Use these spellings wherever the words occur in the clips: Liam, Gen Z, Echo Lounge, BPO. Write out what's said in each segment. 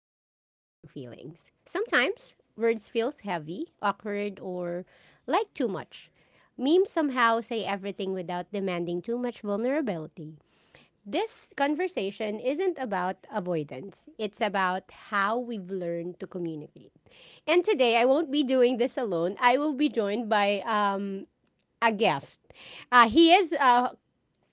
explaining our feelings. Sometimes words feels heavy, awkward, or like too much. Memes somehow say everything without demanding too much vulnerability. This conversation isn't about avoidance. It's about how we've learned to communicate. And today I won't be doing this alone. I will be joined by a guest. He is a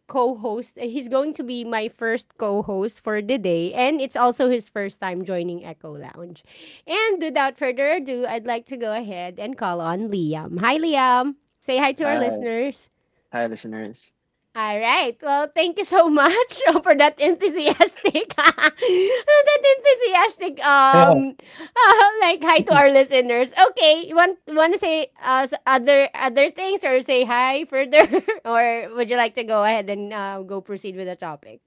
co-host. He's going to be my first co-host for the day, and it's also his first time joining Echo Lounge. And without further ado, I'd like to go ahead and call on Liam. Hi, Liam. Say hi to our Hi, listeners. hi, listeners. All right. Well, thank you so much for that enthusiastic, that enthusiastic, Yeah. Like hi to our listeners. Okay, you want to say other things or say hi further, or would you like to go ahead and go proceed with the topic?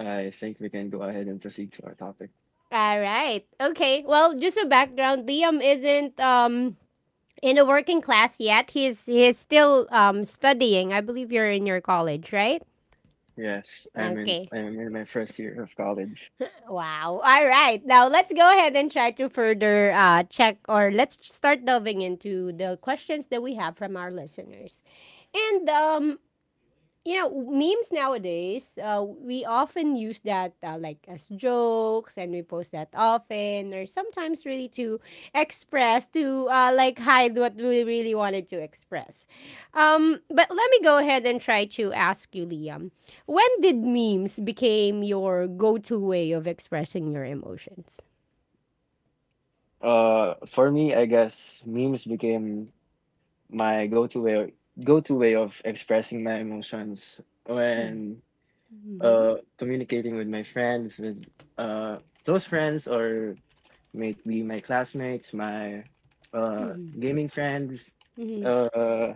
I think we can go ahead and proceed to our topic. All right. Okay. Well, just a background. Liam isn't in a working class yet. He's still studying. I believe you're in your college, right? Yes, I'm in. Okay. I'm in my first year of college. Wow. All right. Now let's go ahead and try to further check or let's start delving into the questions that we have from our listeners. And you know memes nowadays we often use that like as jokes and we post that often or sometimes really to express to like hide what we really wanted to express but let me go ahead and try to ask you Liam, when did memes became your go-to way of expressing your emotions? For me, I guess memes became my go-to way of expressing my emotions Mm-hmm. when communicating with my friends, with those friends, or maybe my classmates, my uh Mm-hmm. gaming friends. Mm-hmm. Uh,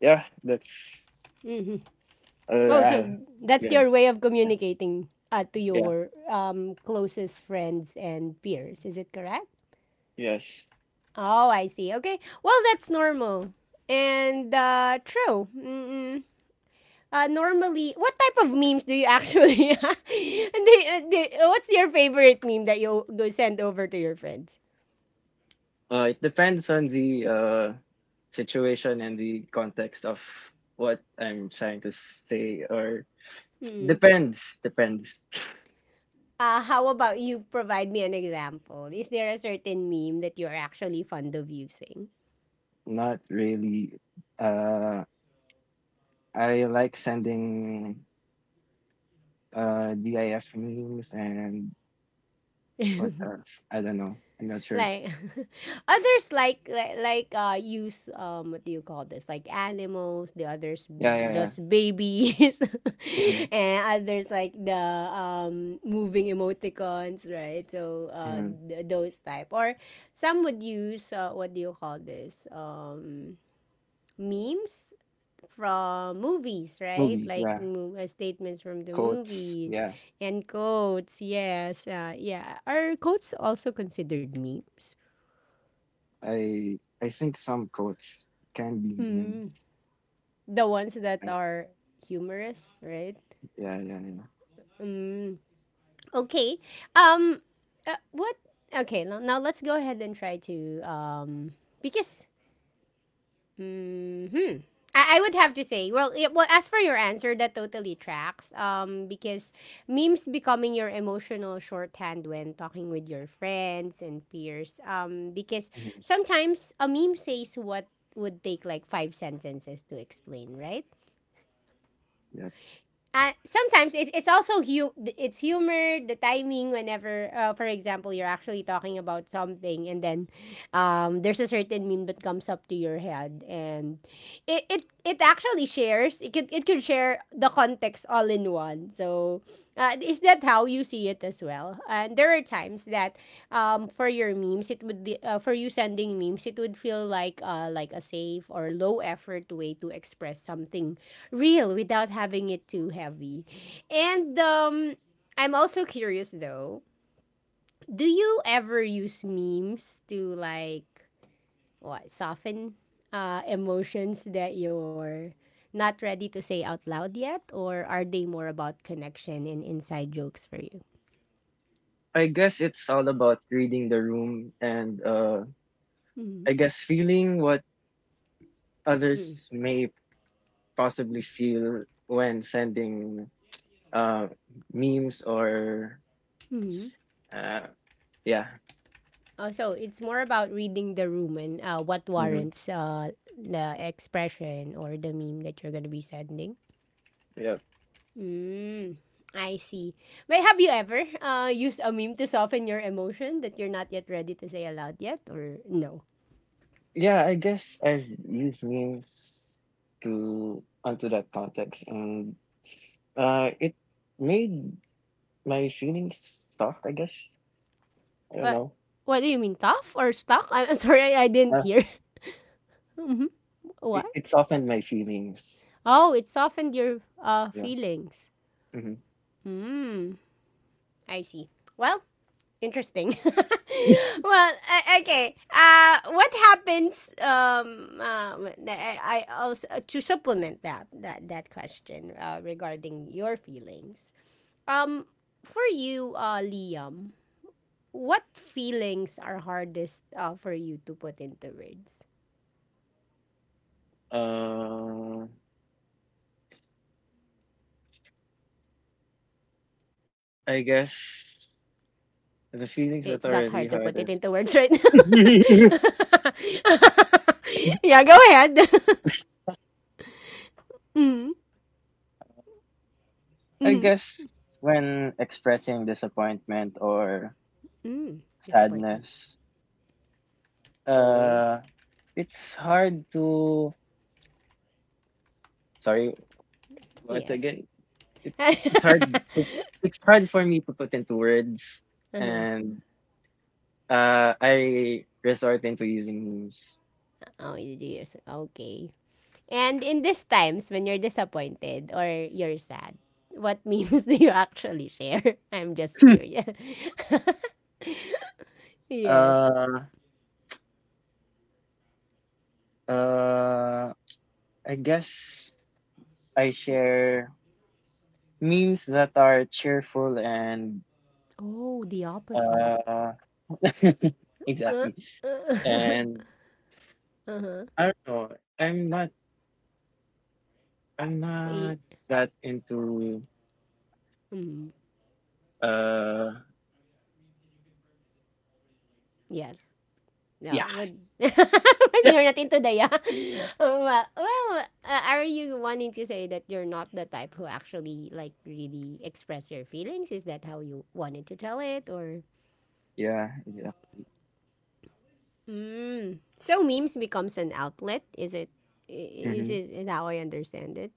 yeah, uh, Oh, so I, that's yeah. your way of communicating to Yeah. your closest friends and peers. Is it correct? Yes. Oh, I see. Okay. Well, that's normal. And true. Mm-mm. Normally, what type of memes do you actually? And what's your favorite meme that you go send over to your friends? It depends on the situation and the context of what I'm trying to say, or Mm-mm. depends. Depends. How about you provide me an example? Is there a certain meme that you're actually fond of using? Not really. Uh, I like sending DIF memes and what else? I don't know. I'm not sure. Like, others like use what do you call this, like animals, the others, Yeah, yeah, yeah. does babies, Mhm, and others like the moving emoticons, right? So mhm. Those type, or some would use what do you call this, memes from movies, right? Movie. Like Yeah. Statements from the Quotes. movies Yeah. and quotes. Yes, yeah, are quotes also considered memes? I think some quotes can be Mm, memes. the ones that Uh, are humorous, right? Yeah, yeah, yeah. Mm, okay. Um, what? Okay, now, now let's go ahead and try to because hmm, I would have to say, well, yeah, well, as for your answer, that totally tracks. Because memes becoming your emotional shorthand when talking with your friends and peers, because sometimes a meme says what would take like five sentences to explain, right? yeah. Sometimes it's also it's humor, the timing, whenever for example, you're actually talking about something, and then there's a certain meme that comes up to your head and it actually shares, it could, it could share the context all in one. So is that how you see it as well? And there are times that for your memes it would for you sending memes, it would feel like a safe or low effort way to express something real without having it too heavy. And I'm also curious though, do you ever use memes to like what, soften emotions that you're not ready to say out loud yet, or are they more about connection and inside jokes for you? I guess it's all about reading the room and Mm-hmm. I guess feeling what others may possibly feel when sending uh, memes or uh, yeah, Oh, so it's more about reading the room and what hmm warrants the expression or the meme that you're gonna be sending. yeah, Mm, I see. But have you ever used a meme to soften your emotion that you're not yet ready to say aloud yet, or no? yeah. I guess I've used memes to onto that context, and it made my feelings soft. I guess I don't What? know. What do you mean, tough or stuck? I'm sorry, I didn't Uh, hear. Mhm. What? It softened my feelings. Oh, it softened your Yeah. feelings. Hmm. Hmm. I see. Well, interesting. Well, okay. What happens? I also to supplement that question regarding your feelings. Um, for you, Liam, what feelings are hardest for you to put into words? Uh, I guess the It's feelings that that hard are to put really it into words hardest. right now. Ex- Yeah, go ahead. Mm, I mm-hmm. guess when expressing disappointment or Mm, disappointment. sadness, Oh, uh, it's hard to. Sorry, what yes. again? It's it's hard. To, it's hard for me to put into words, Uh-huh. and I resort into using memes. Oh, did you hear? Okay. And in these times when you're disappointed or you're sad, what memes do you actually share? I'm just curious. Yes. Uh, uh, I guess I share memes that are cheerful and Oh, the opposite. uh Uh, exactly. uh, And uh-huh. I don't know. I'm not I'm Eh, not that into mm, uh yes. No, yeah. but when Yeah. you're not into the, yeah. Well, well, are you wanting to say that you're not the type who actually like really express your feelings? Is that how you wanted to tell it, or? Yeah, yeah. Mm. So memes becomes an outlet. Is it? Is Mm-hmm. it how I understand it?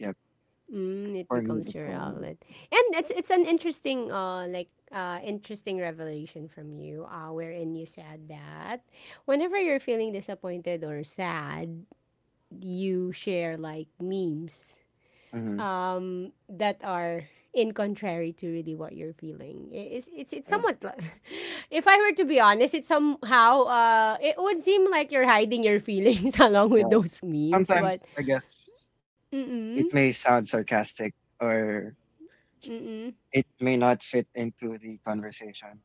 Yeah. Mm, it For me becomes that's your all. outlet, and it's an interesting like interesting revelation from you wherein you said that whenever you're feeling disappointed or sad, you share like memes Mm-hmm. That are in contrary to really what you're feeling. It's Yeah. somewhat. If I were to be honest, it's somehow it would seem like you're hiding your feelings along with Yeah. those memes. Sometimes But I guess mm mm it may sound sarcastic or mm mm it may not fit into the conversation.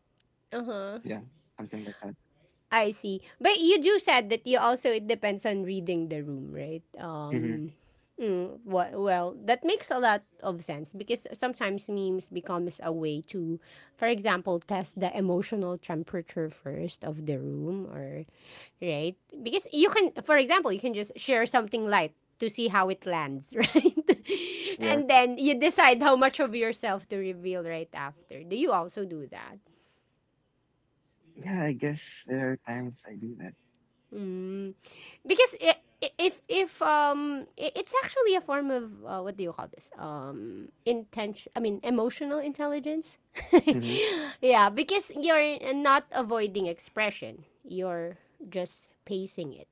uh huh Yeah. Something like that. I see. But you do said that you also it depends on reading the room, right? Mm-hmm. Well, that makes a lot of sense because sometimes memes becomes a way to, for example, test the emotional temperature first of the room, or right? Because you can, for example, you can just share something light to see how it lands, right? Yeah. And then you decide how much of yourself to reveal right after. Do you also do that? Yeah, I guess there are times I do that. Mm. Because if it's actually a form of what do you call this? Intention, I mean emotional intelligence. Mhm. Yeah, because you're not avoiding expression. You're just pacing it.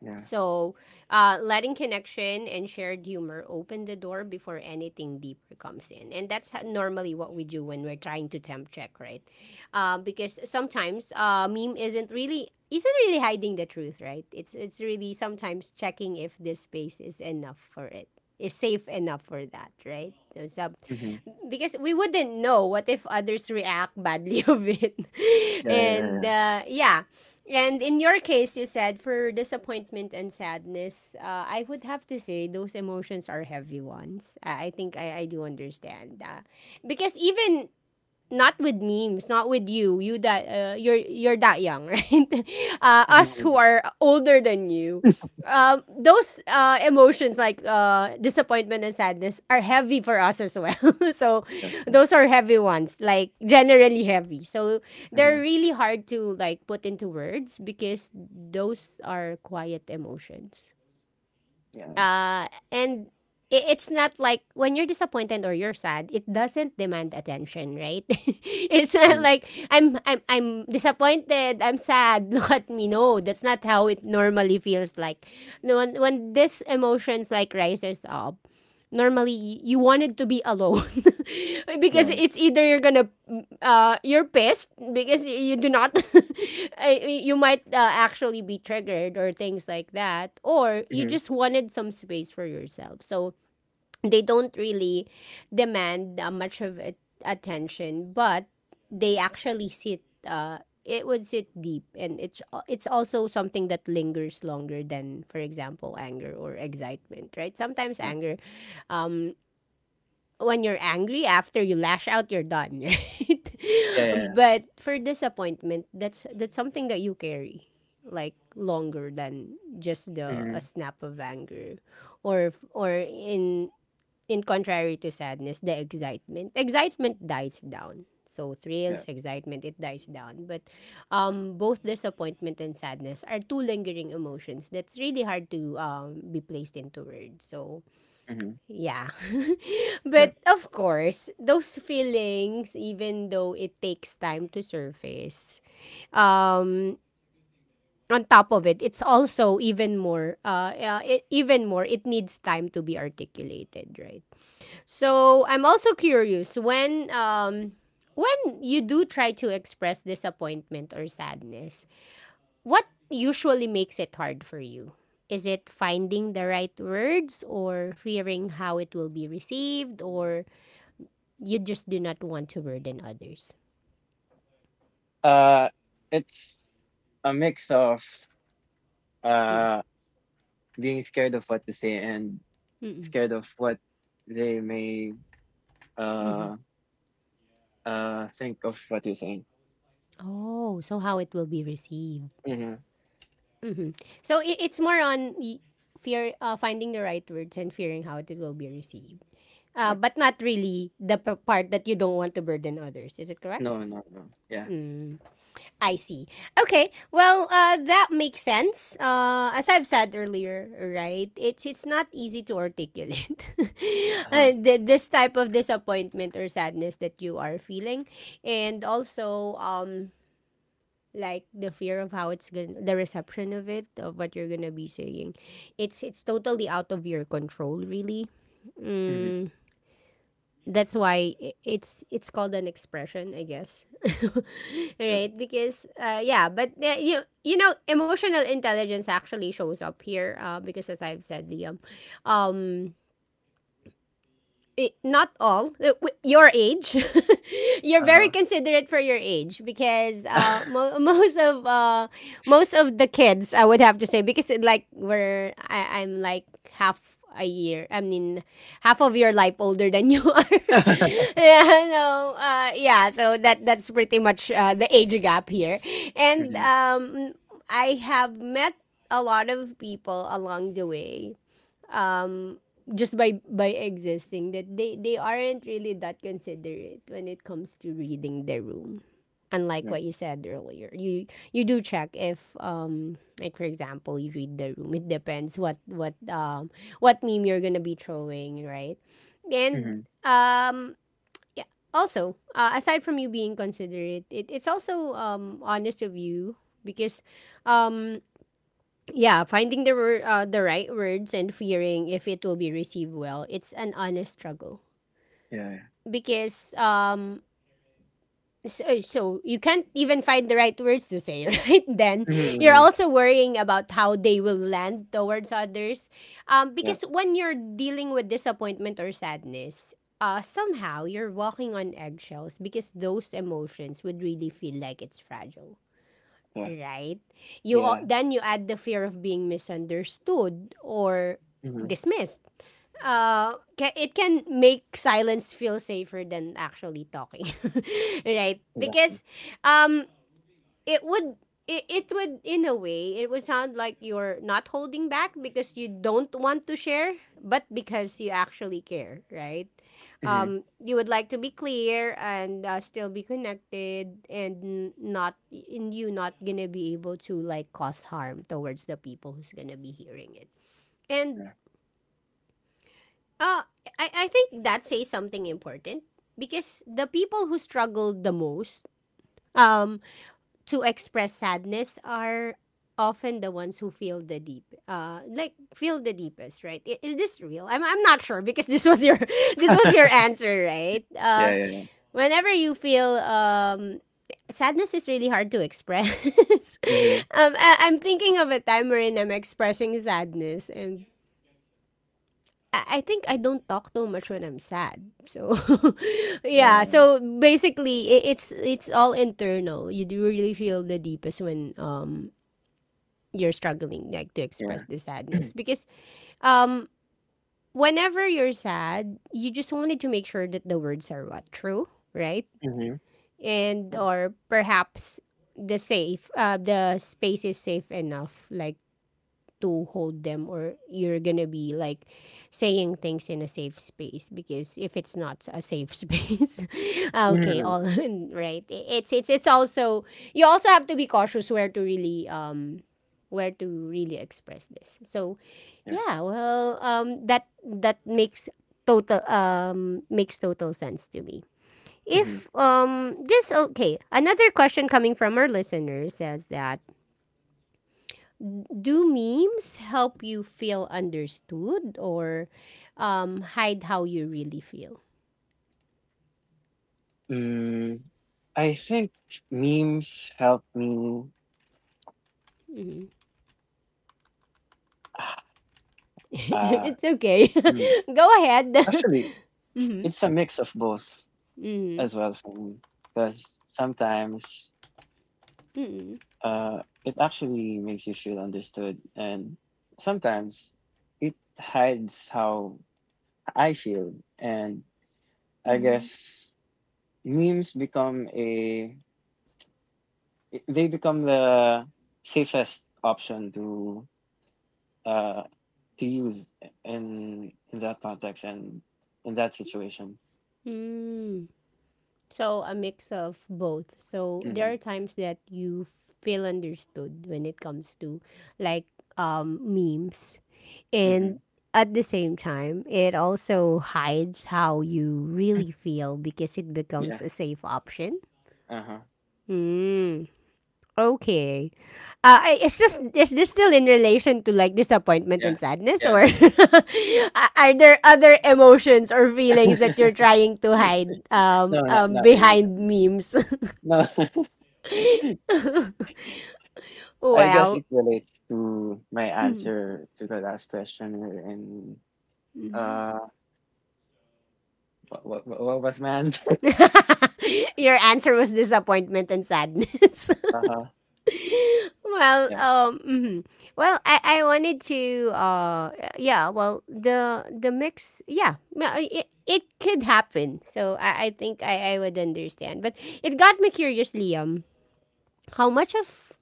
Yeah. So, letting connection and shared humor open the door before anything deeper comes in. And that's normally what we do when we're trying to temp check, right? Because sometimes meme isn't really hiding the truth, right? It's really sometimes checking if this space is enough for it. Is safe enough for that, right? So, Mhm. because we wouldn't know what if others react badly of it, Yeah, and yeah, yeah, and in your case, you said for disappointment and sadness, I would have to say those emotions are heavy ones. I think I do understand. Because even not with memes, not with you. You that you're that young, right? Yeah, Us yeah. who are older than you. Mhm. Those emotions like disappointment and sadness are heavy for us as well. So Yeah, yeah. those are heavy ones, like generally heavy. So they're Mhm. really hard to like put into words because those are quiet emotions. Yeah, exact And it's not like when you're disappointed or you're sad, it doesn't demand attention, right? It's not Mhm. like I'm disappointed, I'm sad, look at me. No, that's not how it normally feels like. No, when this emotions like rises up, normally you wanted to be alone because Yeah. it's either you're gonna you're pissed because you do not you might actually be triggered or things like that, or you Mhm. just wanted some space for yourself, so they don't really demand much of it, attention, but they actually sit. It would sit deep, and it's also something that lingers longer than, for example, anger or excitement. Right? Sometimes Yeah. anger, um, when you're angry after you lash out, you're done. Right? Yeah, yeah, But for disappointment, that's something that you carry like longer than just yeah. the a Mhm. snap of anger or in contrary to sadness, the excitement. Excitement dies down. So thrills, Yeah. excitement, it dies down. But both disappointment and sadness are two lingering emotions that's really hard to be placed into words. So Mhm. yeah. Yeah. But of course, those feelings, even though it takes time to surface, um, on top of it, it's also even more, even more, it needs time to be articulated, right? So I'm also curious when you do try to express disappointment or sadness, what usually makes it hard for you? Is it finding the right words or fearing how it will be received, or you just do not want to burden others? Uh, it's a mix of Mm, uh being scared of what to say and mm-mm. scared of what they may Mm-hmm. uh think of what you're saying. Oh, so how it will be received. Mm-hmm. hmm So it's more on fear, finding the right words and fearing how it will be received. Uh, Yeah. but not really the part that you don't want to burden others. Is it correct? No, no, no. Yeah. Mm, I see. Okay. Well, that makes sense. As I've said earlier, right? It's not easy to articulate Uh-huh. This type of disappointment or sadness that you are feeling, and also like the fear of how it's gonna the reception of it of what you're gonna be saying. It's totally out of your control, really. Mhm. Mm that's why it's called an expression, I guess. Yeah. Right? Because yeah, but emotional intelligence actually shows up here, because as I've said, Liam, um not all your age. You're very Uh-huh. considerate for your age because most of the kids, I would have to say, because it, like I'm like half a year, I mean, half of your life older than you are. Yeah, no, yeah, so that's pretty much, the age gap here. And Mhm. I have met a lot of people along the way, um just by existing, that they aren't really that considerate when it comes to reading their room, Yeah. unlike what you said earlier. You do check if, like for example, you read the room. It depends what meme you're gonna be throwing, right? And Mhm. um yeah. Also, aside from you being considerate, it's also, honest of you, because, um yeah, finding the the right words and fearing if it will be received well. It's an honest struggle, Yeah, yeah. because, so you can't even find the right words to say. Right? Then Mhm, you're mhm. also worrying about how they will land towards others, Yeah, because when you're dealing with disappointment or sadness, somehow you're walking on eggshells because those emotions would really feel like it's fragile, yeah. right? You Yeah. then you add the fear of being misunderstood or Mhm. dismissed. It can make silence feel safer than actually talking, right? Yeah. Because um, it would it would, in a way, it would sound like you're not holding back because you don't want to share, but because you actually care, right? Mhm. You would like to be clear and, still be connected, and not in you not gonna be able to like cause harm towards the people who's gonna be hearing it. And Yeah. uh, I think that says something important because the people who struggle the most, um to express sadness, are often the ones who feel the deep like feel the deepest, right? Is this real? I'm not sure, because this was your this was your answer, right? Yeah, yeah, Whenever you feel, sadness is really hard to express. Mhm. I'm thinking of a time wherein I'm expressing sadness, and I think I don't talk too much when I'm sad. So yeah, yeah. so basically it's all internal. You do really feel the deepest when, you're struggling like to express Mhm. the Yeah, yeah. sadness, because, um whenever you're sad, you just wanted to make sure that the words are what true, right? Mhm. And or perhaps the space is safe enough, like, to hold them. Or you're gonna be like saying things in a safe space, because if it's not a safe space, okay, Mhm. all right, it's also, you also have to be cautious where to really, express this. So Yeah. yeah. Well, that makes total sense to me. Mhm. If, just okay, another question coming from our listener says that, do memes help you feel understood, or, hide how you really feel? Mm, I think memes help me, Mhm. uh It's okay. Mm. Go ahead. actually, Hmm. it's a mix of both Hmm. as well for me, 'cause sometimes, Hmm. It actually makes you feel understood, and sometimes it hides how I feel, and I Hmm. guess memes become they become the safest option uh to use in that context and in that situation. Mm. So, a mix of both. So, there Mm-hmm. are times that you feel understood when it comes to, like, memes. Mm-hmm. And at the same time, it also hides how you really feel, because it Yeah. becomes a safe option. Uh huh. Mm, okay. Is this still in relation to, like, disappointment and Yeah. sadness? Yeah. Or are there other emotions or feelings that you're trying to hide, No, not really. behind memes? No. No. I guess Well, it relates to my answer to the last question and uh what was my answer? your answer was disappointment and sadness. Uh-huh. Well, Yeah. Mhm. Well, I wanted to, yeah. Well, the mix, yeah, no, it could happen. So I think I would understand. But it got me curious, Liam, how much of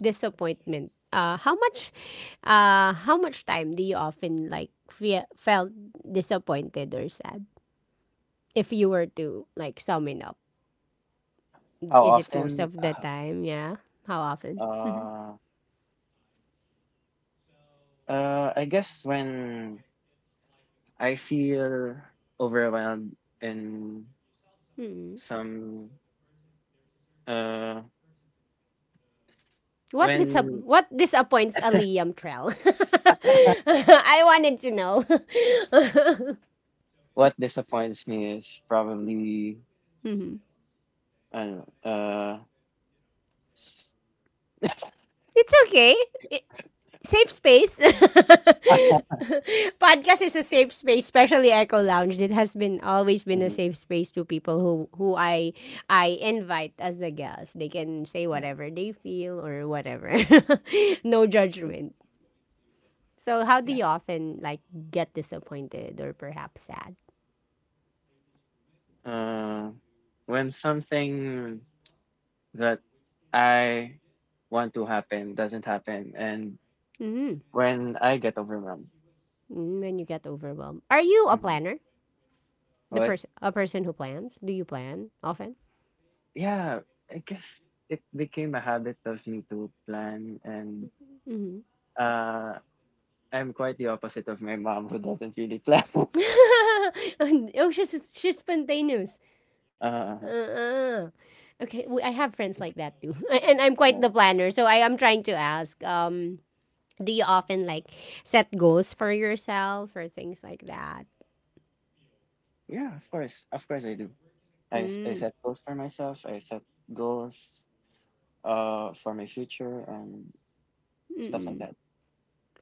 disappointment, how much time do you often like felt disappointed or sad? If you were to like sum it up, How is it most often? of the time? Yeah, how often? uh, I guess when I feel overwhelmed and some uh What disap when what disappoints a Liam Trell? I wanted to know. what disappoints me is probably Mhm. I don't know, It's okay. I- Safe space. Podcast is a safe space, especially Echo Lounge. It has been always been a hmm safe space to people who I invite as the guests. They can say yeah, whatever they feel or whatever. No mhm, judgment. So how do yeah, you often like get disappointed or perhaps sad? uh when something that I want to happen doesn't happen and Mhm. when I get overwhelmed. Mm, when you get overwhelmed. Are you a Hmm. planner? The But person, a person who plans? Do you plan often? yeah, I guess it became a habit of me to plan and Hmm. uh I'm quite the opposite of my mom who doesn't really plan. Oh, she's spontaneous. uh, Uh-uh. Okay, we, I have friends like that too. And I'm quite yeah. the planner. So I am trying to ask. Do you often like set goals for yourself or things like that? Yeah, of course. Of course I do. I Mm. set goals for myself. I set goals for my future and stuff like Mm-mm. that.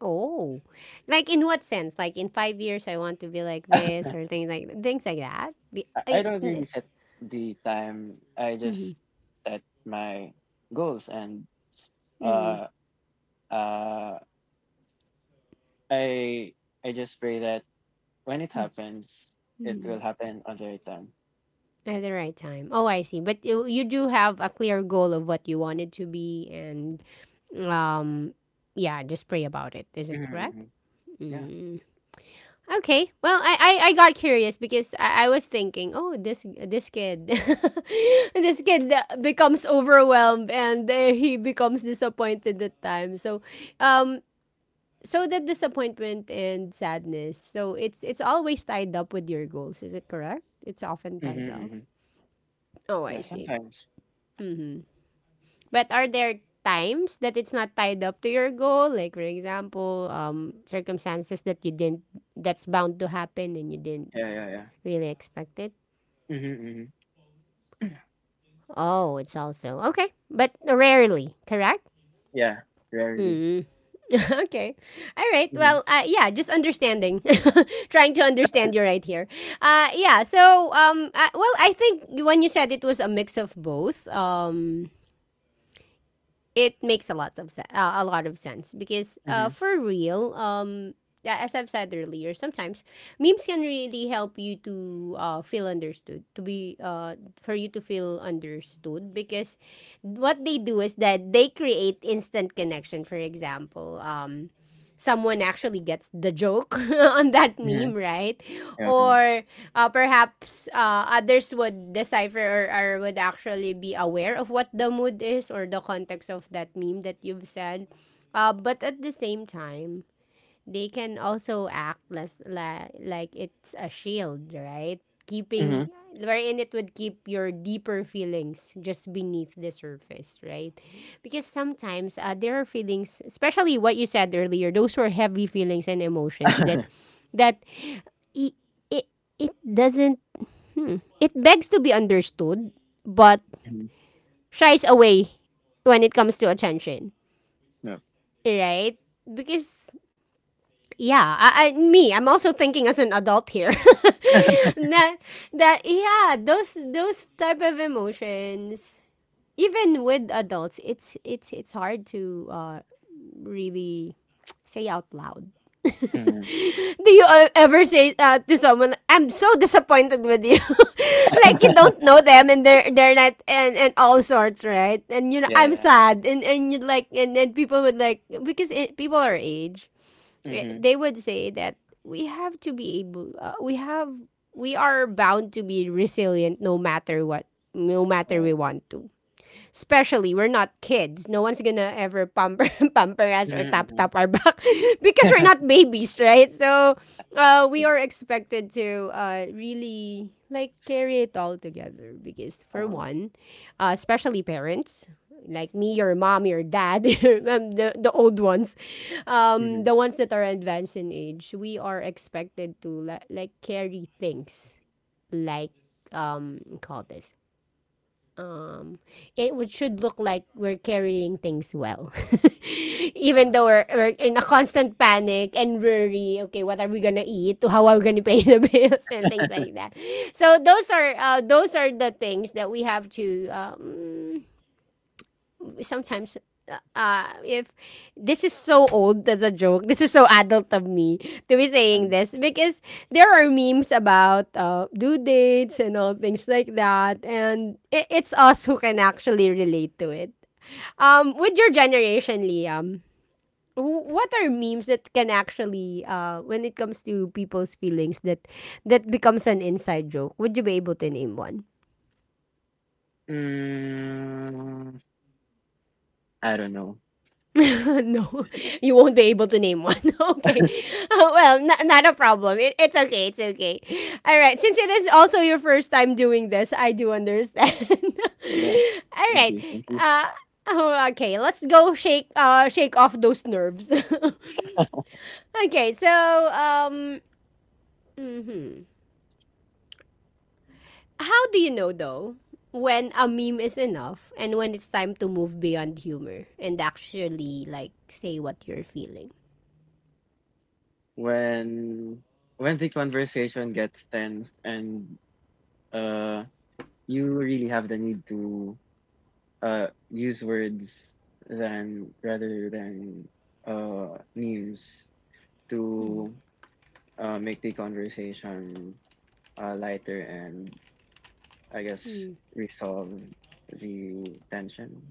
Oh, like in what sense? Like in 5 years, I want to be like this, or things like that. Be, I I, don't really set the time. I just set my goals and mm-hmm. uh, uh, I I just pray that when it happens, it will Mm. happen on the right time. At the right time. Oh, I see. But you do have a clear goal of what you wanted to be, and, um, yeah, just pray about it. Is it correct? Hmm. Yeah. Mm. Okay. Well, I got curious because I was thinking, oh, this kid, this kid, becomes overwhelmed, and, he becomes disappointed at times. Um, so the disappointment and sadness. So it's always tied up with your goals. Is it correct? It's often tied Hmm. up. Hmm. Oh, I Yeah, see. sometimes. Mhm. But are there times that it's not tied up to your goal? Like, for example, circumstances that you didn't, that's bound to happen, and you didn't Yeah, yeah, yeah. really expect it. Mhm, mhm. Oh, it's also okay, but rarely, correct? Yeah, Rarity. Rarely. Mm. Okay. All right. Mhm, Well, yeah, just understanding. Trying to understand you right here. Yeah. So, well, I think when you said it was a mix of both, it makes a lot of sense, because, mhm, for real, yeah, as I've said earlier, sometimes memes can really help you to, feel understood, to be for you to feel understood, because what they do is that they create instant connection. For example, someone actually gets the joke on that meme, mhm. right? Yeah, yeah. Or perhaps others would decipher, or would actually be aware of what the mood is, or the context of that meme that you've said. But at the same time, they can also act less, like it's a shield, right? Mhm. Keeping, Mhm. wherein it would keep your deeper feelings just beneath the surface, right? Because sometimes, there are feelings, especially what you said earlier. Those were heavy feelings and emotions that that it it it doesn't. Hmm. It begs to be understood, but shies away when it comes to attention, No. right? Because yeah, I'm also thinking as an adult here. That yeah, those type of emotions, even with adults, it's hard to, really say out loud. Mhm. Do you, ever say, to someone, "I'm so disappointed with you," like you don't know them and they're not, and all sorts, right? And you know, Yeah, I'm yeah. sad, and you like, and then people would like, because people our age, Mhm. they would say that we have to be able, we are bound to be resilient no matter what, no matter Yeah, yeah. we want to. Especially we're not kids, no one's gonna ever pamper pamper us, or tap Mhm, tap our back. Because mhm. we're not Okay. babies, right? So, we are expected to, really like carry it all together. Because for Uh-huh. one, especially parents like me, your mom, your dad. The old ones, Mhm. the ones that are advanced in age, we are expected to like carry things, like, call this, um, it would, should look like we're carrying things well. Even Uh-huh. though we're in a constant panic and worry, okay, what are we gonna eat? How are we gonna pay the bills and things like that. So those are the things that we have to sometimes if this is so old as a joke, this is so adult of me to be saying Um, this because there are memes about due dates and all things like that, and it's us who can actually relate to it. With your generation, Liam, what are memes that can actually, when it comes to people's feelings, that that becomes an inside joke? Would you be able to name one? mm, I don't know. No, you won't be able to name one. Okay. Well, not a problem. It's okay. It's okay. All right. Since it is also your first time doing this, I do understand. Yeah, All thank right. you, thank you. Uh, oh, okay. Let's go shake shake off those nerves. Okay. So, um, mhm. How do you know, though, when a meme is enough and when it's time to move beyond humor and actually, like, say what you're feeling? When when the conversation gets tense and uh you really have the need to use words than rather than memes to make the conversation lighter and I guess resolve the tension.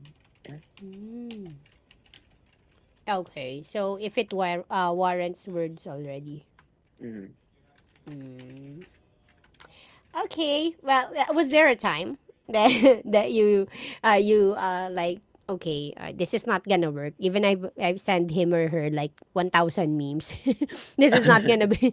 Yeah. Okay, so if it warrants words already. Hmm. Okay, well, was there a time that that you like, okay, this is not gonna work. Even I have sent him or her like 1,000 memes. This is not gonna be.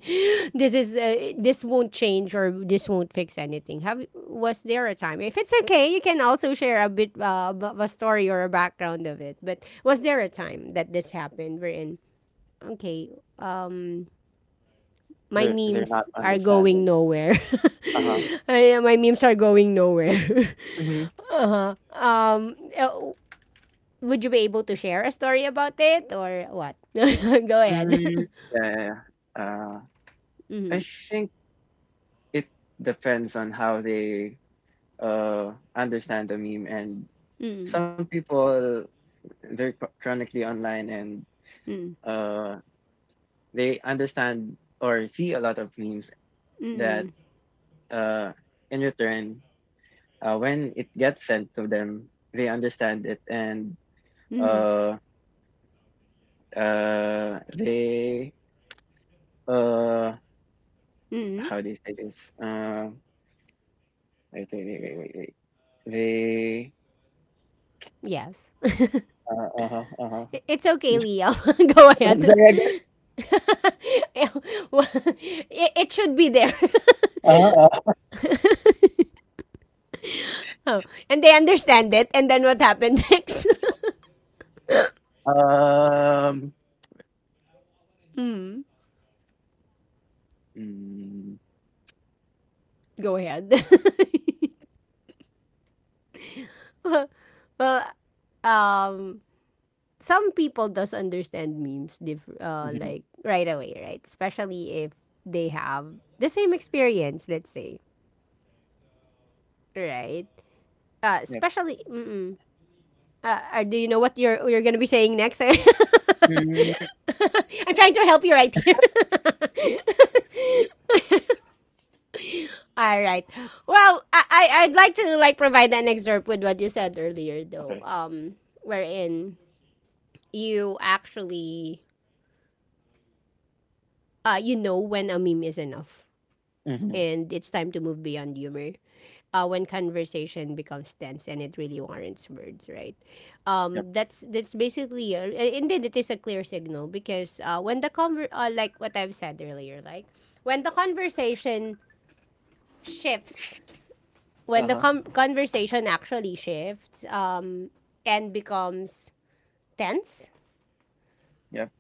This is this won't change or this won't fix anything. Have, was there a time? If it's okay, you can also share a bit of a story or a background of it. But was there a time that this happened? We're in, okay. Um, my They're memes not are going understanding. nowhere. Uh-huh. Yeah, my memes are going nowhere. Hmm. um, uh, would you be able to share a story about it or what? Go ahead. Mm. Yeah, yeah. Yeah. Uh I Mhm. think it depends on how they understand the meme and some people they're chronically online and Mm. uh, they understand or see a lot of memes that Mm. uh, in return, when it gets sent to them, they understand it and Mhm. uh, they uh, Mhm. how do you say this? Uh, Wait, wait, wait, wait, wait, wait. They Yes. Uh-huh, uh-huh. It's okay, Leo. Go ahead. Yeah, well, it should be there. Uh-huh, Oh, and they understand it. And then what happened next? uh, um, Mm. mm, Go ahead. Well, um, some people does understand memes mhm, like right away, right? Especially if they have the same experience, let's say, right? Yep. Especially, mm-mm. Do you know what you're gonna be saying next? I'm Mm, trying to help you right here. All right. Well, I'd like to like provide an excerpt with what you said earlier, though. okay. Wherein you actually, you know when a meme is enough Mm-hmm. and it's time to move beyond humor, when conversation becomes tense and it really warrants words, right? Yep. That's basically, and then it is a clear signal because when the like what I've said earlier, like when the conversation shifts, when the Uh-huh. Conversation actually shifts, and becomes tense, Yep.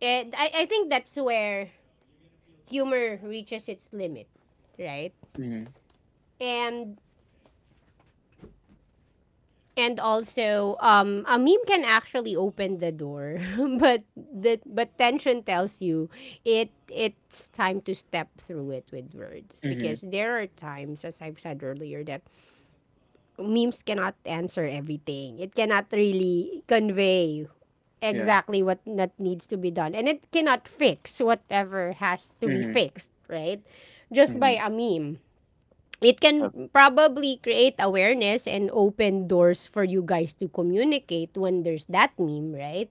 and I think that's where humor reaches its limit, right? Mhm, And And also, a meme can actually open the door, but the but tension tells you it it's time to step through it with words because mhm, there are times, as I've said earlier, that memes cannot answer everything. It cannot really convey yeah, exactly what that needs to be done, and it cannot fix whatever has to be mhm, fixed, right? Just by mhm, a meme. It can yep, probably create awareness and open doors for you guys to communicate when there's that meme, right?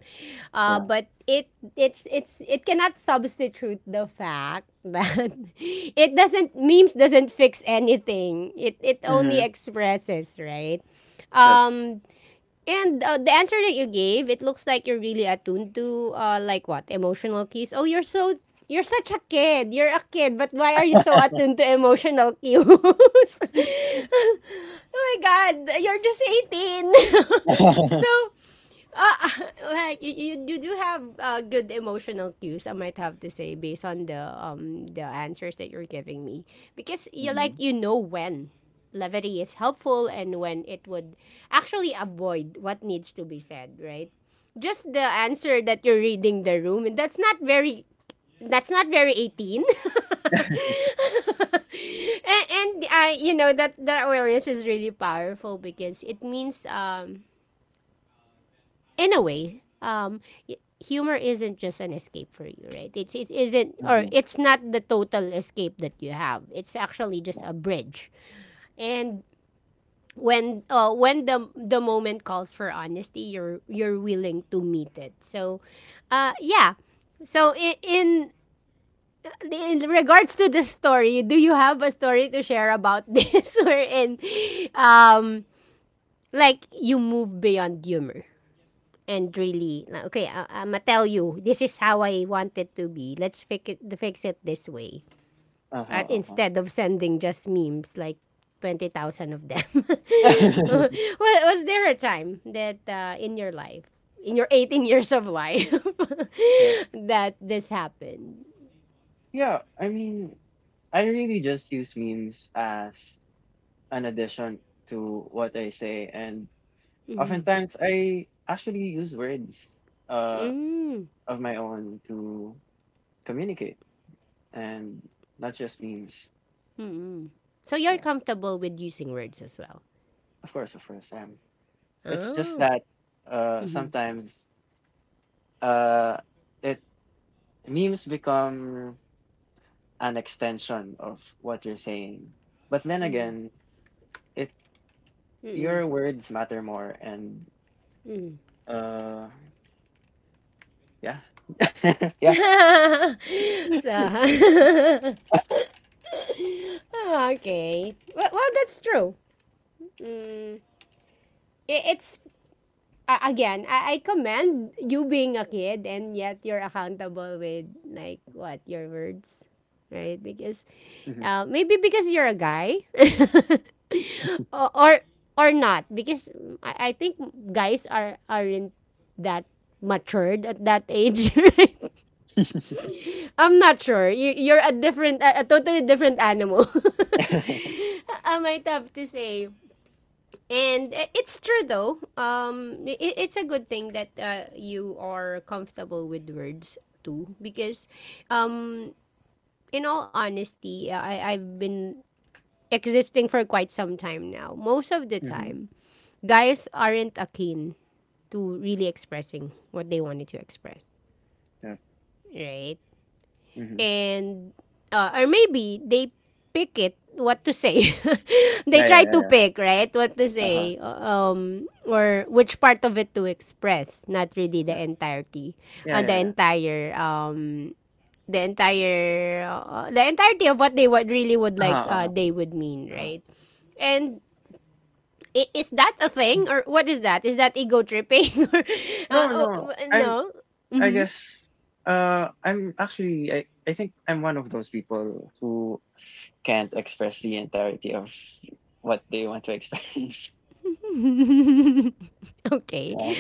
Yeah, But it it's it cannot substitute the fact that it doesn't, memes doesn't fix anything. It only mhm, expresses, right? yep. Um, and the answer that you gave, it looks like you're really attuned to, like, what, emotional cues. Oh, you're so, you're such a kid. You're a kid, but why are you so attuned to emotional cues? Oh my god, you're just 18. So uh, like you do have good emotional cues, I might have to say, based on the answers that you're giving me, because you like, Mhm, you know when levity is helpful and when it would actually avoid what needs to be said. Right? Just the answer that you're reading the room, and that's not very, that's not very 18. and, and you know that that awareness is really powerful because it means, um, in a way, y- humor isn't just an escape for you, right? It's, it isn't, or mhm, it's not the total escape that you have. It's actually just yeah. a bridge. And when the moment calls for honesty, you're willing to meet it. So, yeah. So in regards to the story, do you have a story to share about this wherein um, like you move beyond humor, and really like, okay, I, i'ma tell you, this is how I want it to be, let's fix it this way, Uh-huh, uh-huh. instead of sending just memes like 20,000 of them? Was there a time that in your life, in your 18 years of life, Yeah. that this happened? Yeah, I mean, I really just use memes as an addition to what I say, and Mm. oftentimes I actually use words uh Mm. of my own to communicate and not just memes. Mm-mm. So you're Yeah, comfortable with using words as well. of course, of course. It's just Oh. that Mm-hmm. sometimes uh it memes become an extension of what you're saying. But then again, it Mm-hmm. your words matter more and Mm-hmm. uh yeah. Yeah. Hmm. So ah, okay. Well, well, that's true. It's again, I commend you, being a kid and yet you're accountable with like what your words, right? Because maybe because you're a guy, or, or or not, because I think guys are aren't that matured at that age, right? I'm not sure. You, you're a different, a totally different animal. Am, I might have to say. And it's true though. It it's a good thing that you are comfortable with words too, because, um, in all honesty, I've been existing for quite some time now. Most of the Hmm. time, guys aren't akin to really expressing what they wanted to express, Yeah. right? Hmm. And or maybe they pick it what to say they Yeah, yeah, try to yeah. pick right what to Uh-huh. say, um, or which part of it to express, not really the Yeah. entirety, Yeah, the yeah, yeah. entire, the entire, the entirety of what they would really would Uh-huh, like, uh-huh, they would mean, uh-huh. right? And is that a thing, or what is that, is that ego tripping or No, oh, no. No. I Mm-hmm. guess I'm actually I think I'm one of those people who can't express the entirety of what they want to express. Okay. Yeah.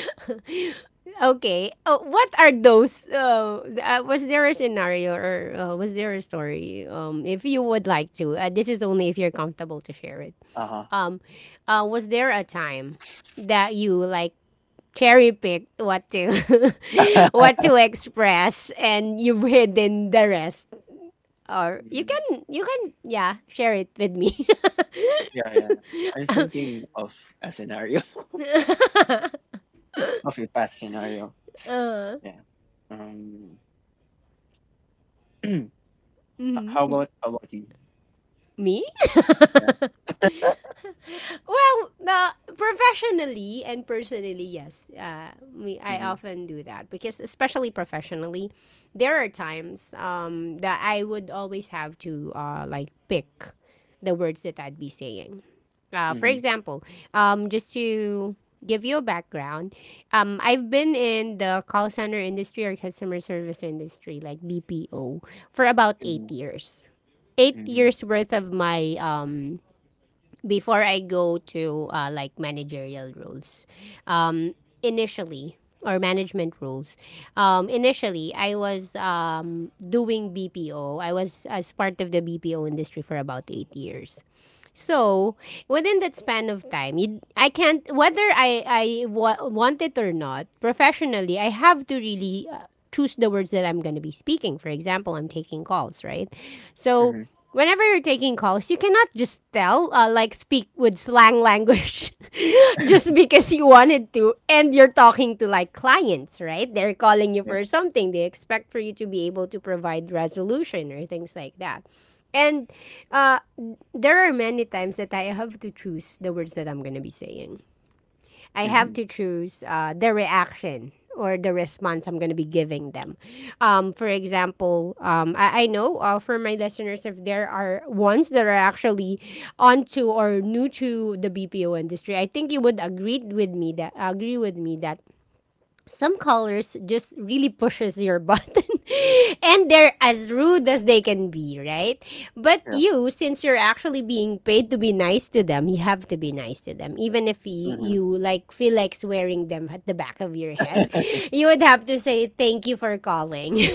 Okay. Oh, what are those? Was there a scenario, or was there a story? If you would like to, this is only if you're comfortable to share it. Uh-huh. Um, was there a time that you like cherry picked what to what to express and you've hidden the rest? Or you Mm, can, you can, yeah, share it with me. yeah, yeah. I'm thinking of a scenario, of a past scenario. Yeah. Um. h- How about how about you? Me? Yeah. Well, the professionally and personally, yes. We I Mhm. often do that because, especially professionally, there are times, that I would always have to, like pick the words that I'd be saying. For Mhm. example, just to give you a background, I've been in the call center industry or customer service industry, like BPO, for about Mhm. 8 years. Eight Mhm. years worth of my, before I go to, like managerial roles, um, initially, or management roles, initially I was, doing BPO. I was as part of the BPO industry for about 8 years. So, within that span of time, you, I can't, whether I wa- want it or not, professionally, I have to really, choose the words that I'm going to be speaking. For example, I'm taking calls, right? So, Mhm. whenever you're taking calls, you cannot just tell, like, speak with slang language just because you wanted to, and you're talking to, like, clients, right? They're calling you Yeah. for something. They expect for you to be able to provide resolution or things like that. And uh, there are many times that I have to choose the words that I'm going to be saying. I have Mhm. to choose the reaction or the response I'm going to be giving them. For example, I know for my listeners, if there are ones that are actually onto or new to the BPO industry, I think you would agree with me that some callers just really pushes your button and they're as rude as they can be, right? But Yeah. you, since you're actually being paid to be nice to them, you have to be nice to them, even if you, Mhm. you like feel like swearing them at the back of your head. You would have to say thank you for calling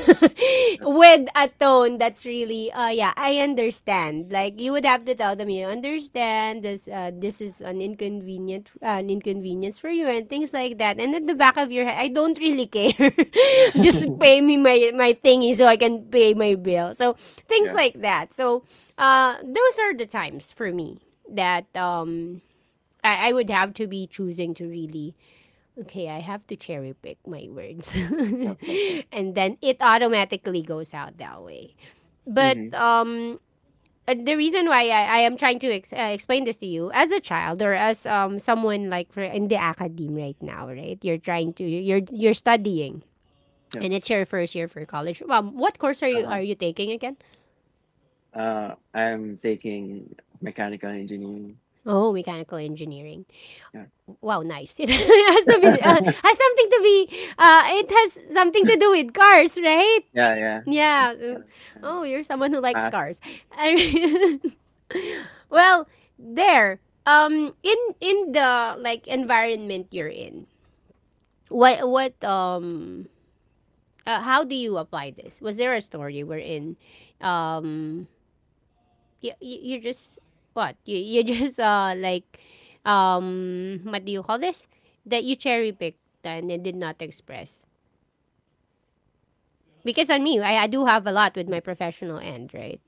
with a tone that's really yeah, I understand. Like, you would have to tell them you understand this is an inconvenient an inconvenience for you and things like that. And at the back of your head, I don't really care. Just pay me my thingy so I can pay my bill. So things yeah. like that. So those are the times for me that I would have to be choosing to really, okay, I have to cherry pick my words. Yep. Yep. Yep. And then it automatically goes out that way. But Mhm. The reason why I am trying to explain this to you, as a child or as someone like, for, in the academe right now, right? You're trying to, you're studying, Yep. and it's your first year for college. What course are Uh you huh. are you taking again? I'm taking mechanical engineering. Oh, mechanical engineering. Yeah. Wow, nice. It has to be has something to be it has something to do with cars, right? yeah. Yeah. It's Yeah. hard and Oh, you're someone who likes math. cars. Well, there. In the like environment you're in, what how do you apply this? Was there a story wherein, um, you just what you just like, what do you call this? That you cherry picked and then did not express. Because on me, I do have a lot with my professional end, right?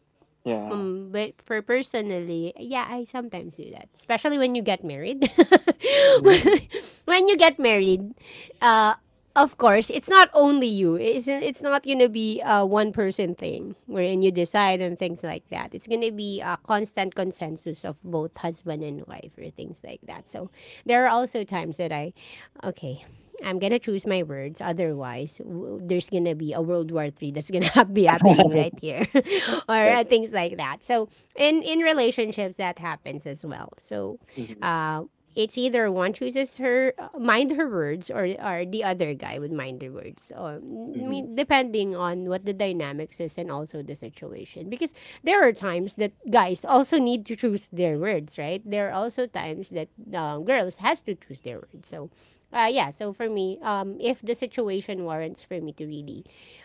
Yeah. But for personally, yeah, I sometimes do that. Especially when you get married. Mm-hmm. When you get married, uh, of course, it's not only you. It's not going to be a one person thing wherein you decide and things like that. It's going to be a constant consensus of both husband and wife or things like that. So there are also times that I, okay, I'm gonna choose my words. Otherwise, there's gonna be a World War Three that's gonna be happening right here, or yep. Things like that. So, in relationships, that happens as well. So, Mm-hmm. uh, it's either one chooses her mind her words, or the other guy would mind their words. Or I mean, depending on what the dynamics is and also the situation. Because there are times that guys also need to choose their words, right? There are also times that girls has to choose their words. So yeah, so for me, if the situation warrants for me to really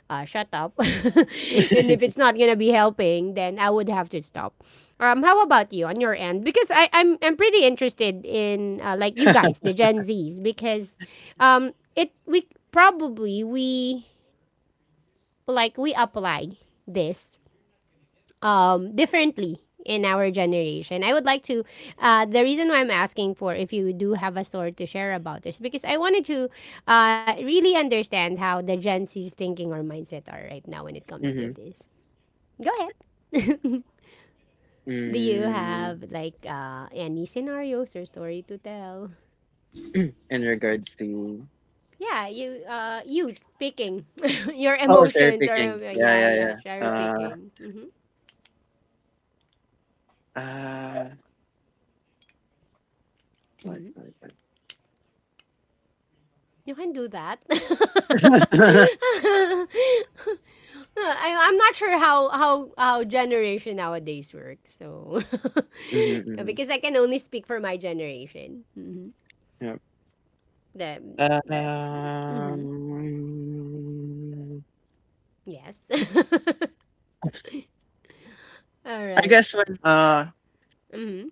shut up, and Mm-hmm. if it's not gonna be helping, then I would have to stop. How about you on your end? Because I'm pretty interested in like you guys, the Gen Zs, because it, we probably we like, we apply this differently in our generation. I would like to. The reason why I'm asking for, if you do have a story to share about this, because I wanted to really understand how the Gen Z's thinking or mindset are right now when it comes to Mhm, this. Go ahead. Do you hmm, have like any scenarios or story to tell? in regards to Yeah, you picking your oh, cherry emotions, or picking. Yeah, yeah, yeah, yeah, yeah. cherry picking. Hmm. uh, what, what? You can do that. No, I, I'm not sure how how generation nowadays works. So Mhm, yeah, mhm. because I can only speak for my generation. Mm-hmm. Yep. The mm-hmm. Um, Yes. All I right. guess Mm-hmm.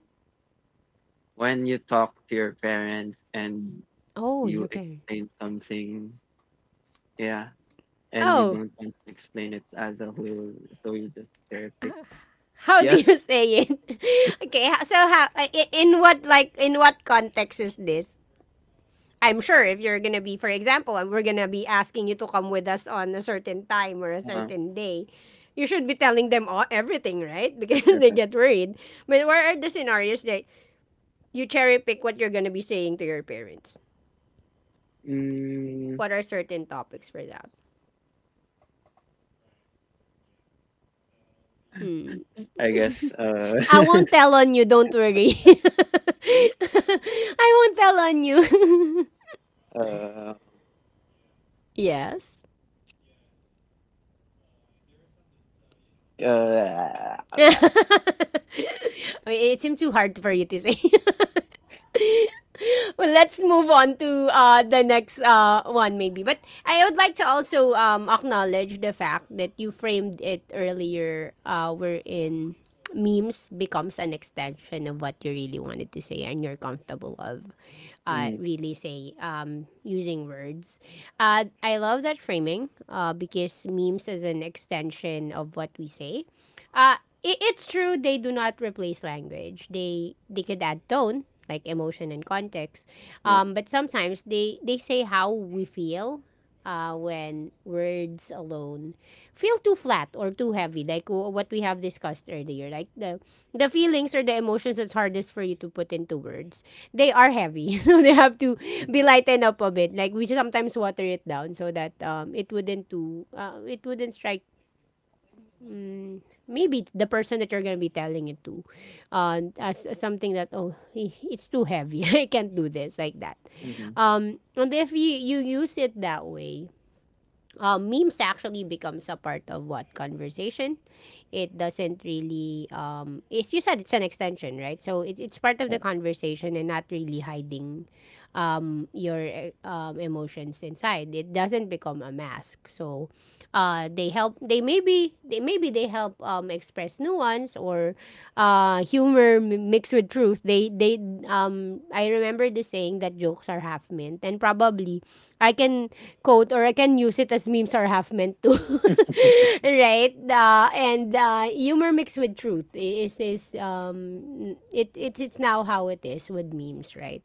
when you talk to your parents and Oh, you your parents. explain something, yeah, and you Oh, don't want to explain it as a whole, so you just cherry uh, pick. how do Yeah. you say it? Okay. So how, in what, like, in what context is this? I'm sure if you're gonna be, for example, we're gonna be asking you to come with us on a certain time or a Uh-huh. certain day, you should be telling them all, everything, right? That's Because they different. get worried. But what are the scenarios that you cherry pick what you're gonna be saying to your parents? Mm, What are certain topics for that? I guess I won't tell on you, don't worry. I won't tell on you. Uh, Yes. uh, Wait, la- it seemed too hard for you to say. Well, let's move on to the next one, maybe. But I would like to also acknowledge the fact that you framed it earlier, wherein memes becomes an extension of what you really wanted to say and you're comfortable of mhm, really say using words. I love that framing because memes is an extension of what we say uh, it's true. They do not replace language. They could add tone, like emotion and context. yep, But sometimes they say how we feel. When words alone feel too flat or too heavy, like what we have discussed earlier, like the feelings or the emotions that's hardest for you to put into words, they are heavy, so they have to be mhm, lightened up a bit. Like, we sometimes water it down so that it wouldn't too it wouldn't strike maybe the person that you're gonna be telling it to, as something that, oh, eh, it's too heavy, I can't do this like that. mm, mhm, And if you use it that way, memes actually becomes a part of what conversation. It doesn't really it's, you said it's an extension, right? So it's part of the yep, conversation and not really hiding your emotions inside. It doesn't become a mask. So they help. They maybe they help express nuance or humor mixed with truth. They I remember the saying that jokes are half meant, and probably I can quote, or I can use it as memes are half meant too. Right, and humor mixed with truth is it's now how it is with memes, right?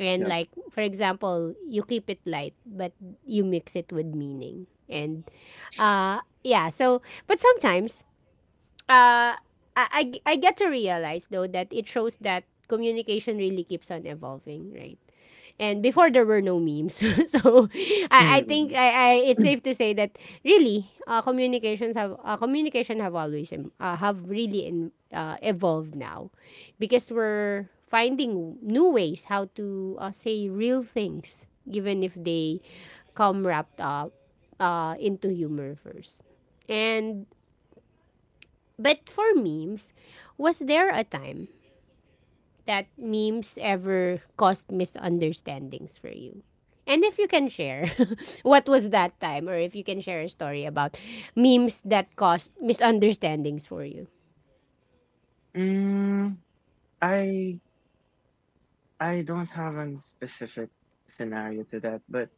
And yep, like, for example, you keep it light, but you mix it with meaning. And yeah, so, but sometimes uh, I get to realize though that it shows that communication really keeps on evolving, right? And yeah. before there were no memes, so I Mm, think I it's safe to say that really communication have always have really evolved now, because we're finding new ways how to say real things, even if they come wrapped up into humor first. And but for memes, was there a time that memes ever caused misunderstandings for you? And if you can share, what was that time? Or if you can share a story about memes that caused misunderstandings for you? mm, I I don't have a specific scenario to that, but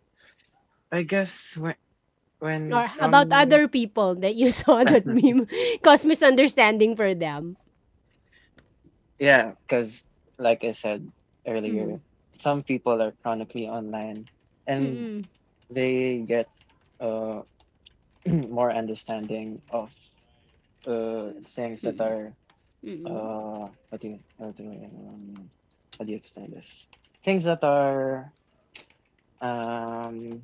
I guess when Or about some other people that you saw that meme caused misunderstanding for them? yeah, because like I said earlier, Mm. some people are chronically online and Mm-mm. they get uh more understanding of things that Mm-mm. are Mm-mm. uh how do you how do you, um, how do you explain this? Things that are um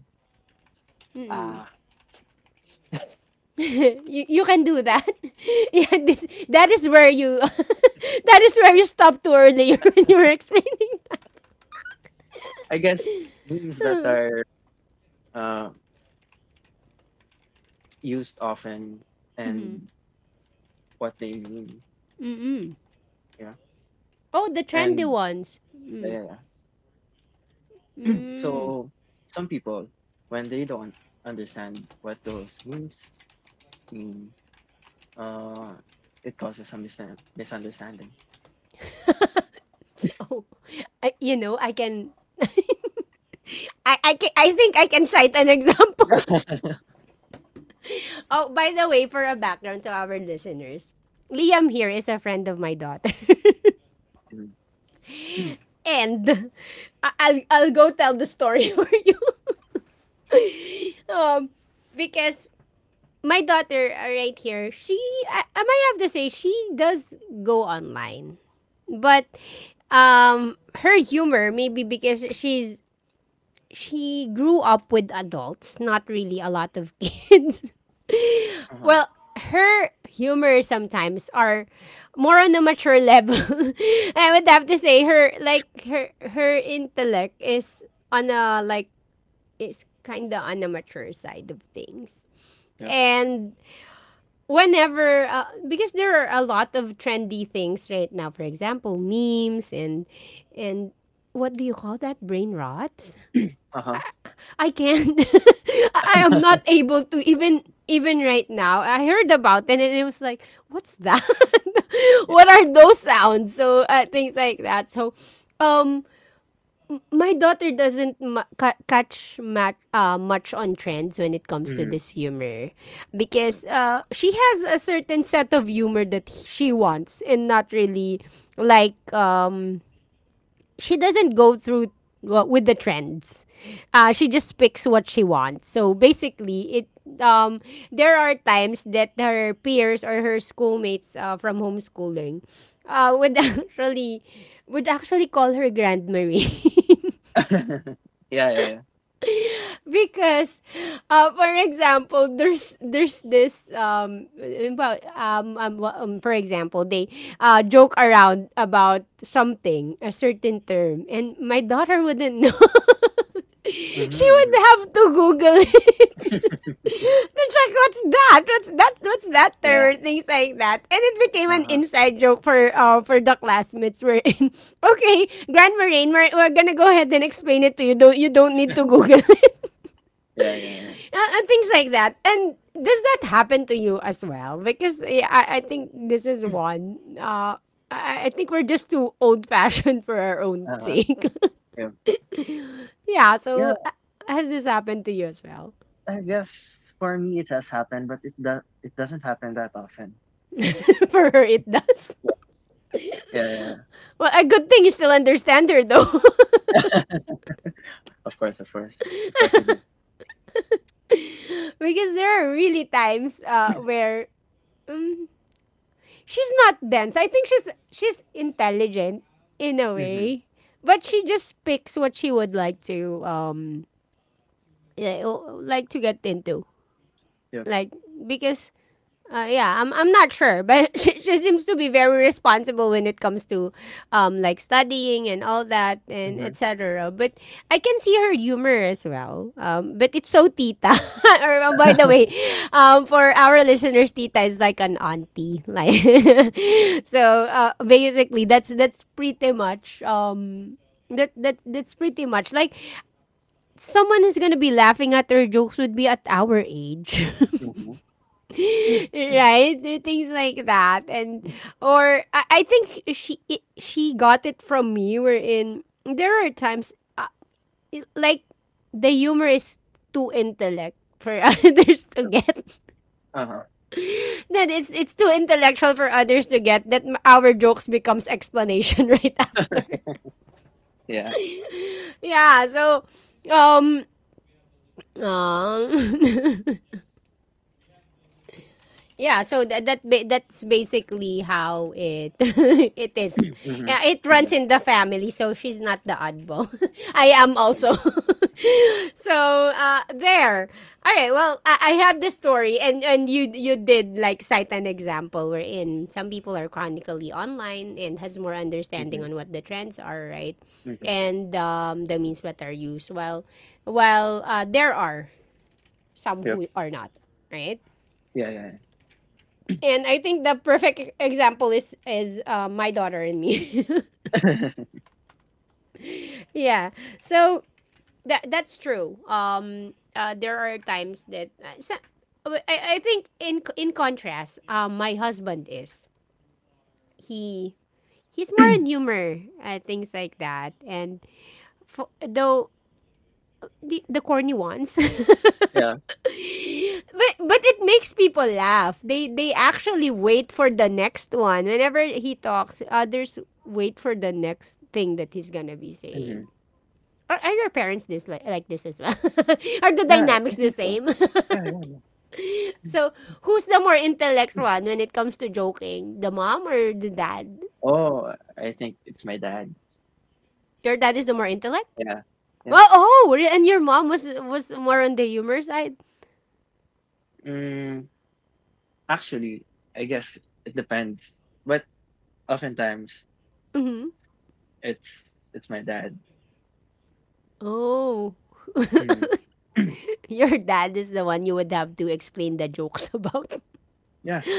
uh You can do that. Yeah, this, that is where you that is where I you stopped too early when you were explaining. I guess memes that are uh, used often and what they mean. Yeah. Oh, the trendy And ones. yeah, yeah, yeah. Mm. So some people when they don't understand what those memes mean, uh it causes some misunderstanding. Oh, I, you know, I can. I think I can cite an example. Oh, by the way, for a background to our listeners, Liam here is a friend of my daughter. Mhm. And I'll go tell the story for you. Um, because my daughter right here, she, I might have to say, she does go online. But her humor, maybe because she grew up with adults, not really a lot of kids. Uh-huh. Well, her humor sometimes are more on a mature level. I would have to say her, like, her intellect is on a like, it's kind of on a mature side of things. Yep. And whenever because there are a lot of trendy things right now, for example, memes and what do you call that, brain rot? Uh-huh. I can't. I am not able to even, even right now. I heard about it and it was like, what's that? Yeah. What are those sounds? So things like that. So, um, my daughter doesn't catch much on trends when it comes to Hmm. this humor because she has a certain set of humor that she wants and not really like she doesn't go through well with the trends. She just picks what she wants. So basically, it um there are times that her peers or her schoolmates from homeschooling would actually would actually call her Grand Marie. Yeah, yeah, yeah. Because for example, there's this for example, they joke around about something, a certain term, and my daughter wouldn't know. She Mhm, mhm. would have to Google it to check what's that, what's that Yeah, term, things like that. And it became an uh-huh. inside joke for the classmates we're in. Okay, Grand Marine, we're gonna go ahead and explain it to you. Don't, you don't need to Google it, Yeah, yeah, yeah. And things like that. And does that happen to you as well? Because yeah, I think this is one. I think we're just too old fashioned for our own Uh-huh. sake. Yeah. yeah. So Yeah, uh, has this happened to you as well? I guess for me it has happened, but it does it doesn't happen that often. for her, it does. Yeah. Yeah, yeah. Well, a good thing you still understand her though, Of course, of course. Of course I do. because there are really times where she's not dense. I think she's intelligent in a Mhm. way, but she just picks what she would like to yeah, like to get into, Yep. like because yeah, I'm not sure, but she seems to be very responsible when it comes to, like studying and all that and Mhm. etc. But I can see her humor as well. But it's so tita. or by the way, for our listeners, tita is like an auntie. Like, so basically, that's pretty much. That's pretty much like someone who's gonna be laughing at her jokes would be at our age. Mhm. Yeah. right? There are things like that, and or I think she got it from me. Wherein there are times like the humor is too intellect for others to Yep. get. Uh-huh. That it's too intellectual for others to get that our jokes becomes explanation right after. Yeah. Yeah, so um um Yeah, so that's basically how it it is. Mhm. Yeah, it runs Mhm. in the family, so she's not the oddball. I am Mm. also. so there. All right. Well, I have the story, and you did like cite an example wherein some people are chronically online and has more understanding Mhm. on what the trends are, right? Mhm. And the means that are used. Well, there are some Yep. who are not, right? Yeah, yeah, yeah. And I think the perfect example is my daughter and me. yeah. So that's true. There are times that so, I think in contrast, my husband is he he's more on humor, things like that, and for, though the corny ones. Yeah. But it makes people laugh. They actually wait for the next one. Whenever he talks, others wait for the next thing that he's gonna be Mhm. saying. Are your parents this like this as well? are the Yeah, dynamics I the think so. same? Yeah, yeah, yeah. so who's the more intellect Mm. one when it comes to joking? The mom or the dad? Oh, I think it's my dad. Your dad is the more intellect. Yeah, yeah. Well, oh, and your mom was more on the humor side. Mm, actually, I guess it depends, but oftentimes Mm-hmm. It's my dad. Oh. Mm. Your dad is the one you would have to explain the jokes about. yeah.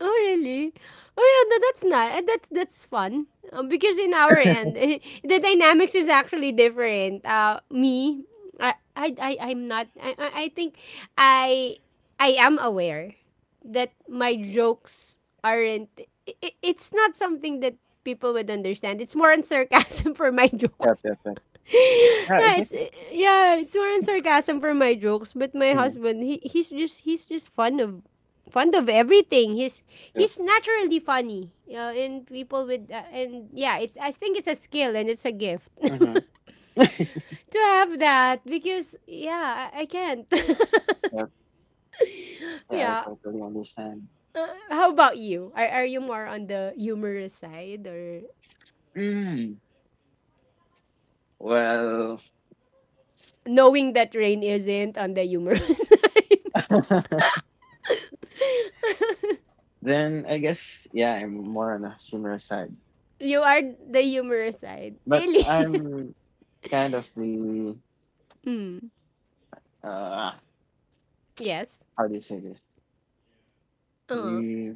Oh really? Oh yeah, that's nice. That's fun. Because in our end, the dynamics is actually different. Me, I'm not. I think, I, I am aware that my jokes aren't. It's not something that people would understand. It's more on sarcasm for my Yep, jokes. yep, yep. Yeah, I yeah, it's think- yeah, it's more in sarcasm for my jokes, but my mm, husband, he's just fun of fond of everything. He's yep. he's naturally funny. You know, and people with and yeah, it's I think it's a skill and it's a gift Hmm. to have that because yeah, I can't. Yep. Yeah, I yeah. totally understand. How about you? Are you more on the humorous side or Mm. Well, knowing that rain isn't on the humorous side? then I guess yeah, I'm more on a humorous side, You are the humorous side. but Really? I'm kind of the Hmm. uh, Yes. how do you say this? uh The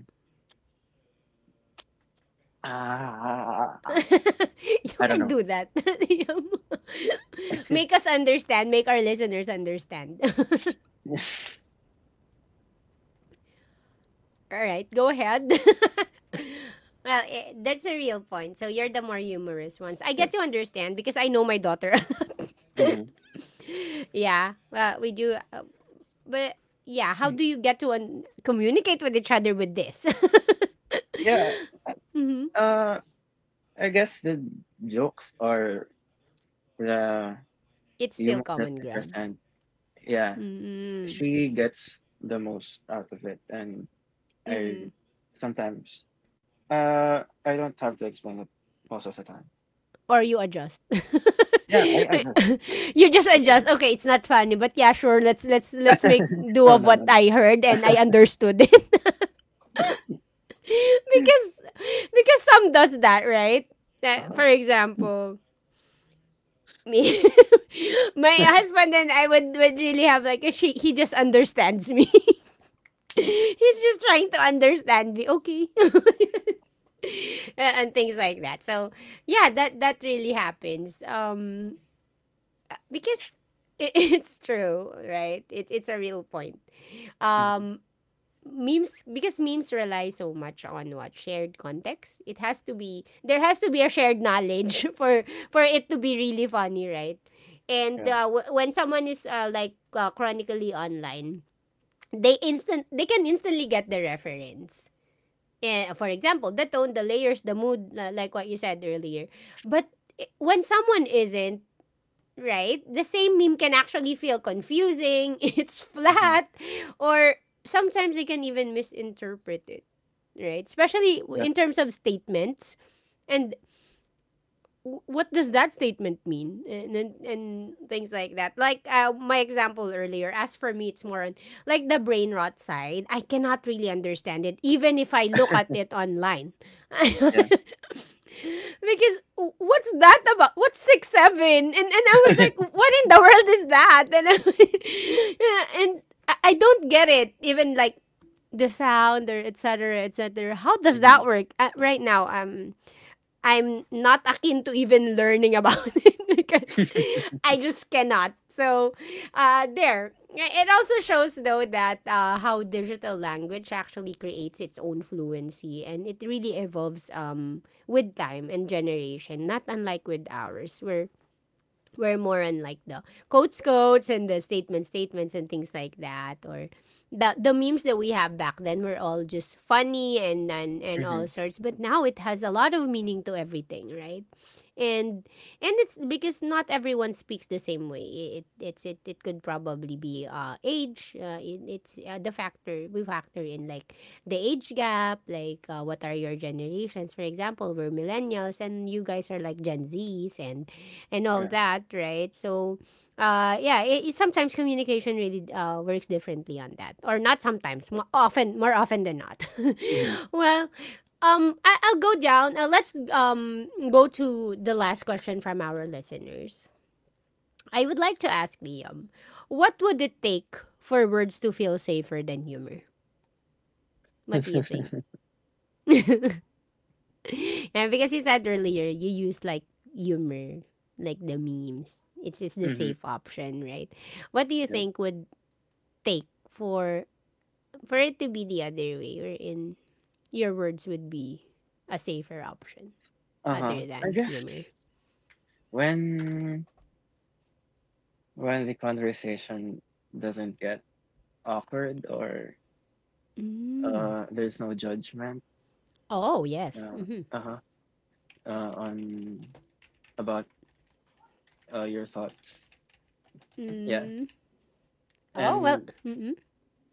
you I can don't do that. make us understand. Make our listeners understand. know. All right, go ahead. well, that's a real point. So you're the more humorous ones. I get Yep. to understand because I know my daughter. Mhm. yeah. Well, we do. But yeah, how do you get to communicate with each other with this? Yeah, Mhm. uh, I guess the jokes are the It's still humor that common I ground. present, yeah, Mm-mm. she gets the most out of it, and I Mm-mm. sometimes I don't have to explain it most of the time. or you adjust. Yeah, I guess that's you just what I adjust. do. Okay, it's not funny, but yeah, sure. Let's make do No, of no, what no. I heard and I understood it because some does that, right? Like, Uh-huh. for example, me, my husband and I would really have like a she. He just understands me. Yeah. He's just trying to understand me. Okay, and things like that. So yeah, that really happens. Because it's true, right? It's a real point. Hmm. Um, memes because memes rely so much on what shared context. It has to be there has to be a shared knowledge for it to be really funny, right? And Yeah. When someone is like chronically online, they can instantly get the reference. For example, the tone, the layers, the mood, like what you said earlier. But when someone isn't, right? The same meme can actually feel confusing, it's Hmm. flat, or sometimes they can even misinterpret it, right? Especially Yep. in terms of statements and what does that statement mean and things like that like my example earlier as for me it's more on like the brain rot side I cannot really understand it even if I look at it online because Yeah. What's that about what's 6 7 and I was like what in the world is that and yeah, and I don't get it even like the sound or etc cetera, etc cetera. How does Hmm. that work right now I'm not akin to even learning about it because I just cannot. So, there. It also shows, though, that how digital language actually creates its own fluency and it really evolves with time and generation, not unlike with ours, where we're more on like the quotes quotes and the statements, statements and things like that or the memes that we have back then were all just funny and all Hmm. sorts but now it has a lot of meaning to everything right and it's because not everyone speaks the same way. It could probably be age. It's the factor we factor in like the age gap, like what are your generations? For example, we're millennials, and you guys are like Gen Zs and all Yeah. that, right? So, yeah, it sometimes communication really works differently on that, or not sometimes, often more often than not. Hmm. well, I'll go down. Let's go to the last question from our listeners. I would like to ask Liam, what would it take for words to feel safer than humor? What do you think? yeah, because you said earlier you use like humor, like the memes. It's the Hmm. safe option, right? What do you Yep. think would take for it to be the other way, or in your words would be a safer option Uh-huh. other I than guess humor? when when the conversation doesn't get awkward or Mm. There's no judgment Oh, yes. uh Mhm. uh-huh on about your thoughts yeah Mm. Oh, well. and Mm-mm.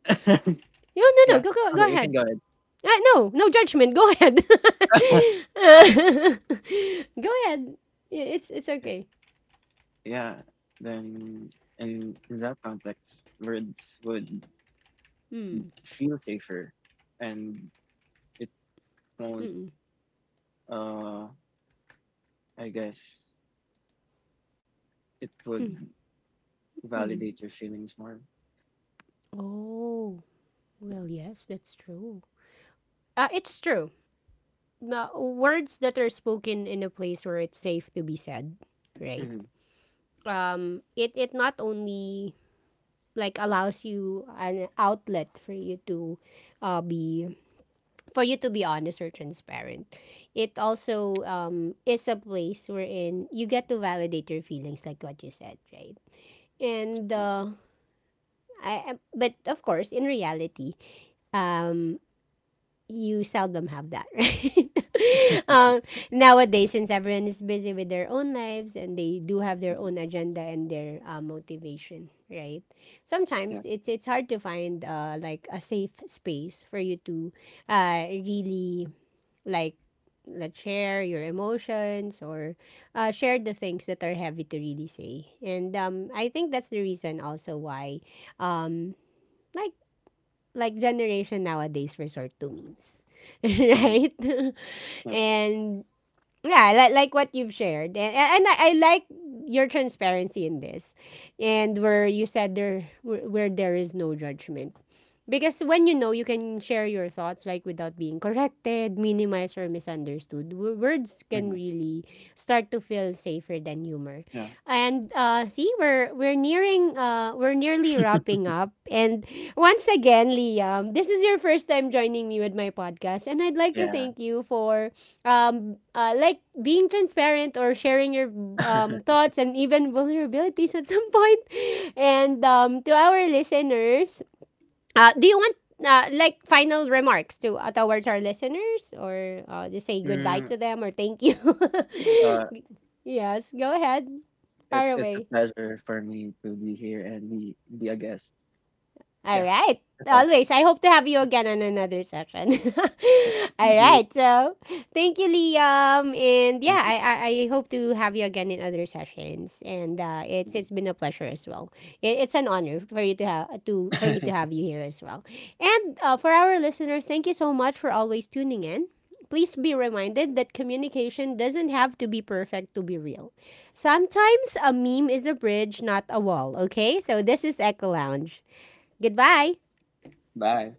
No, no, no. yeah Go, go, go okay you can ahead. go ahead Ah, no, no judgment. Go ahead. Uh, go ahead. Yeah, it's yeah okay. yeah then in that context words would Mm. feel safer and it won't Mm-mm. uh I guess it would Mm. Mm-hmm. validate your feelings more. Oh, well, yes, that's true. It's true. Words that are spoken in a place where it's safe to be said, right? Mhm. It not only like allows you an outlet for you to be for you to be honest or transparent. It also is a place wherein you get to validate your feelings, like what you said, right? And Yeah. But of course, in reality, um, you seldom have that, right? um, nowadays, since everyone is busy with their own lives and they do have their Mhm. own agenda and their motivation, right? Yeah. Sometimes it's hard to find like a safe space for you to really like let's share your emotions or share the things that are heavy to really say and I think that's the reason also why um, like like generation nowadays resort to memes Mhm. right Yep. and yeah, like what you've shared, and I like your transparency in this, and where you said there where there is no judgment, because when you know you can share your thoughts like without being corrected, minimized or misunderstood. Words can Mhm. really start to feel safer than humor, Yeah. and see we're nearly wrapping up, and once again, Liam, this is your first time joining me with my podcast, and I'd like to Yeah. thank you for like being transparent or sharing your thoughts and even vulnerabilities at some point and to our listeners do you want like final remarks to towards our listeners or just say goodbye Mm, to them or thank you uh, yes go ahead far it's a away pleasure for me to be here and be a guest. Yeah. All right. That's all. Always. I hope to have you again on another session. Thank All you. right. So thank you, Liam. And yeah, Thank you. I hope to have you again in other sessions. And it's Mhm. it's been a pleasure as well. It's an honor for you to have to for me to have you here as well. And for our listeners, thank you so much for always tuning in. Please be reminded that communication doesn't have to be perfect to be real. Sometimes a meme is a bridge, not a wall, okay? So this is Echo Lounge. Goodbye. Bye.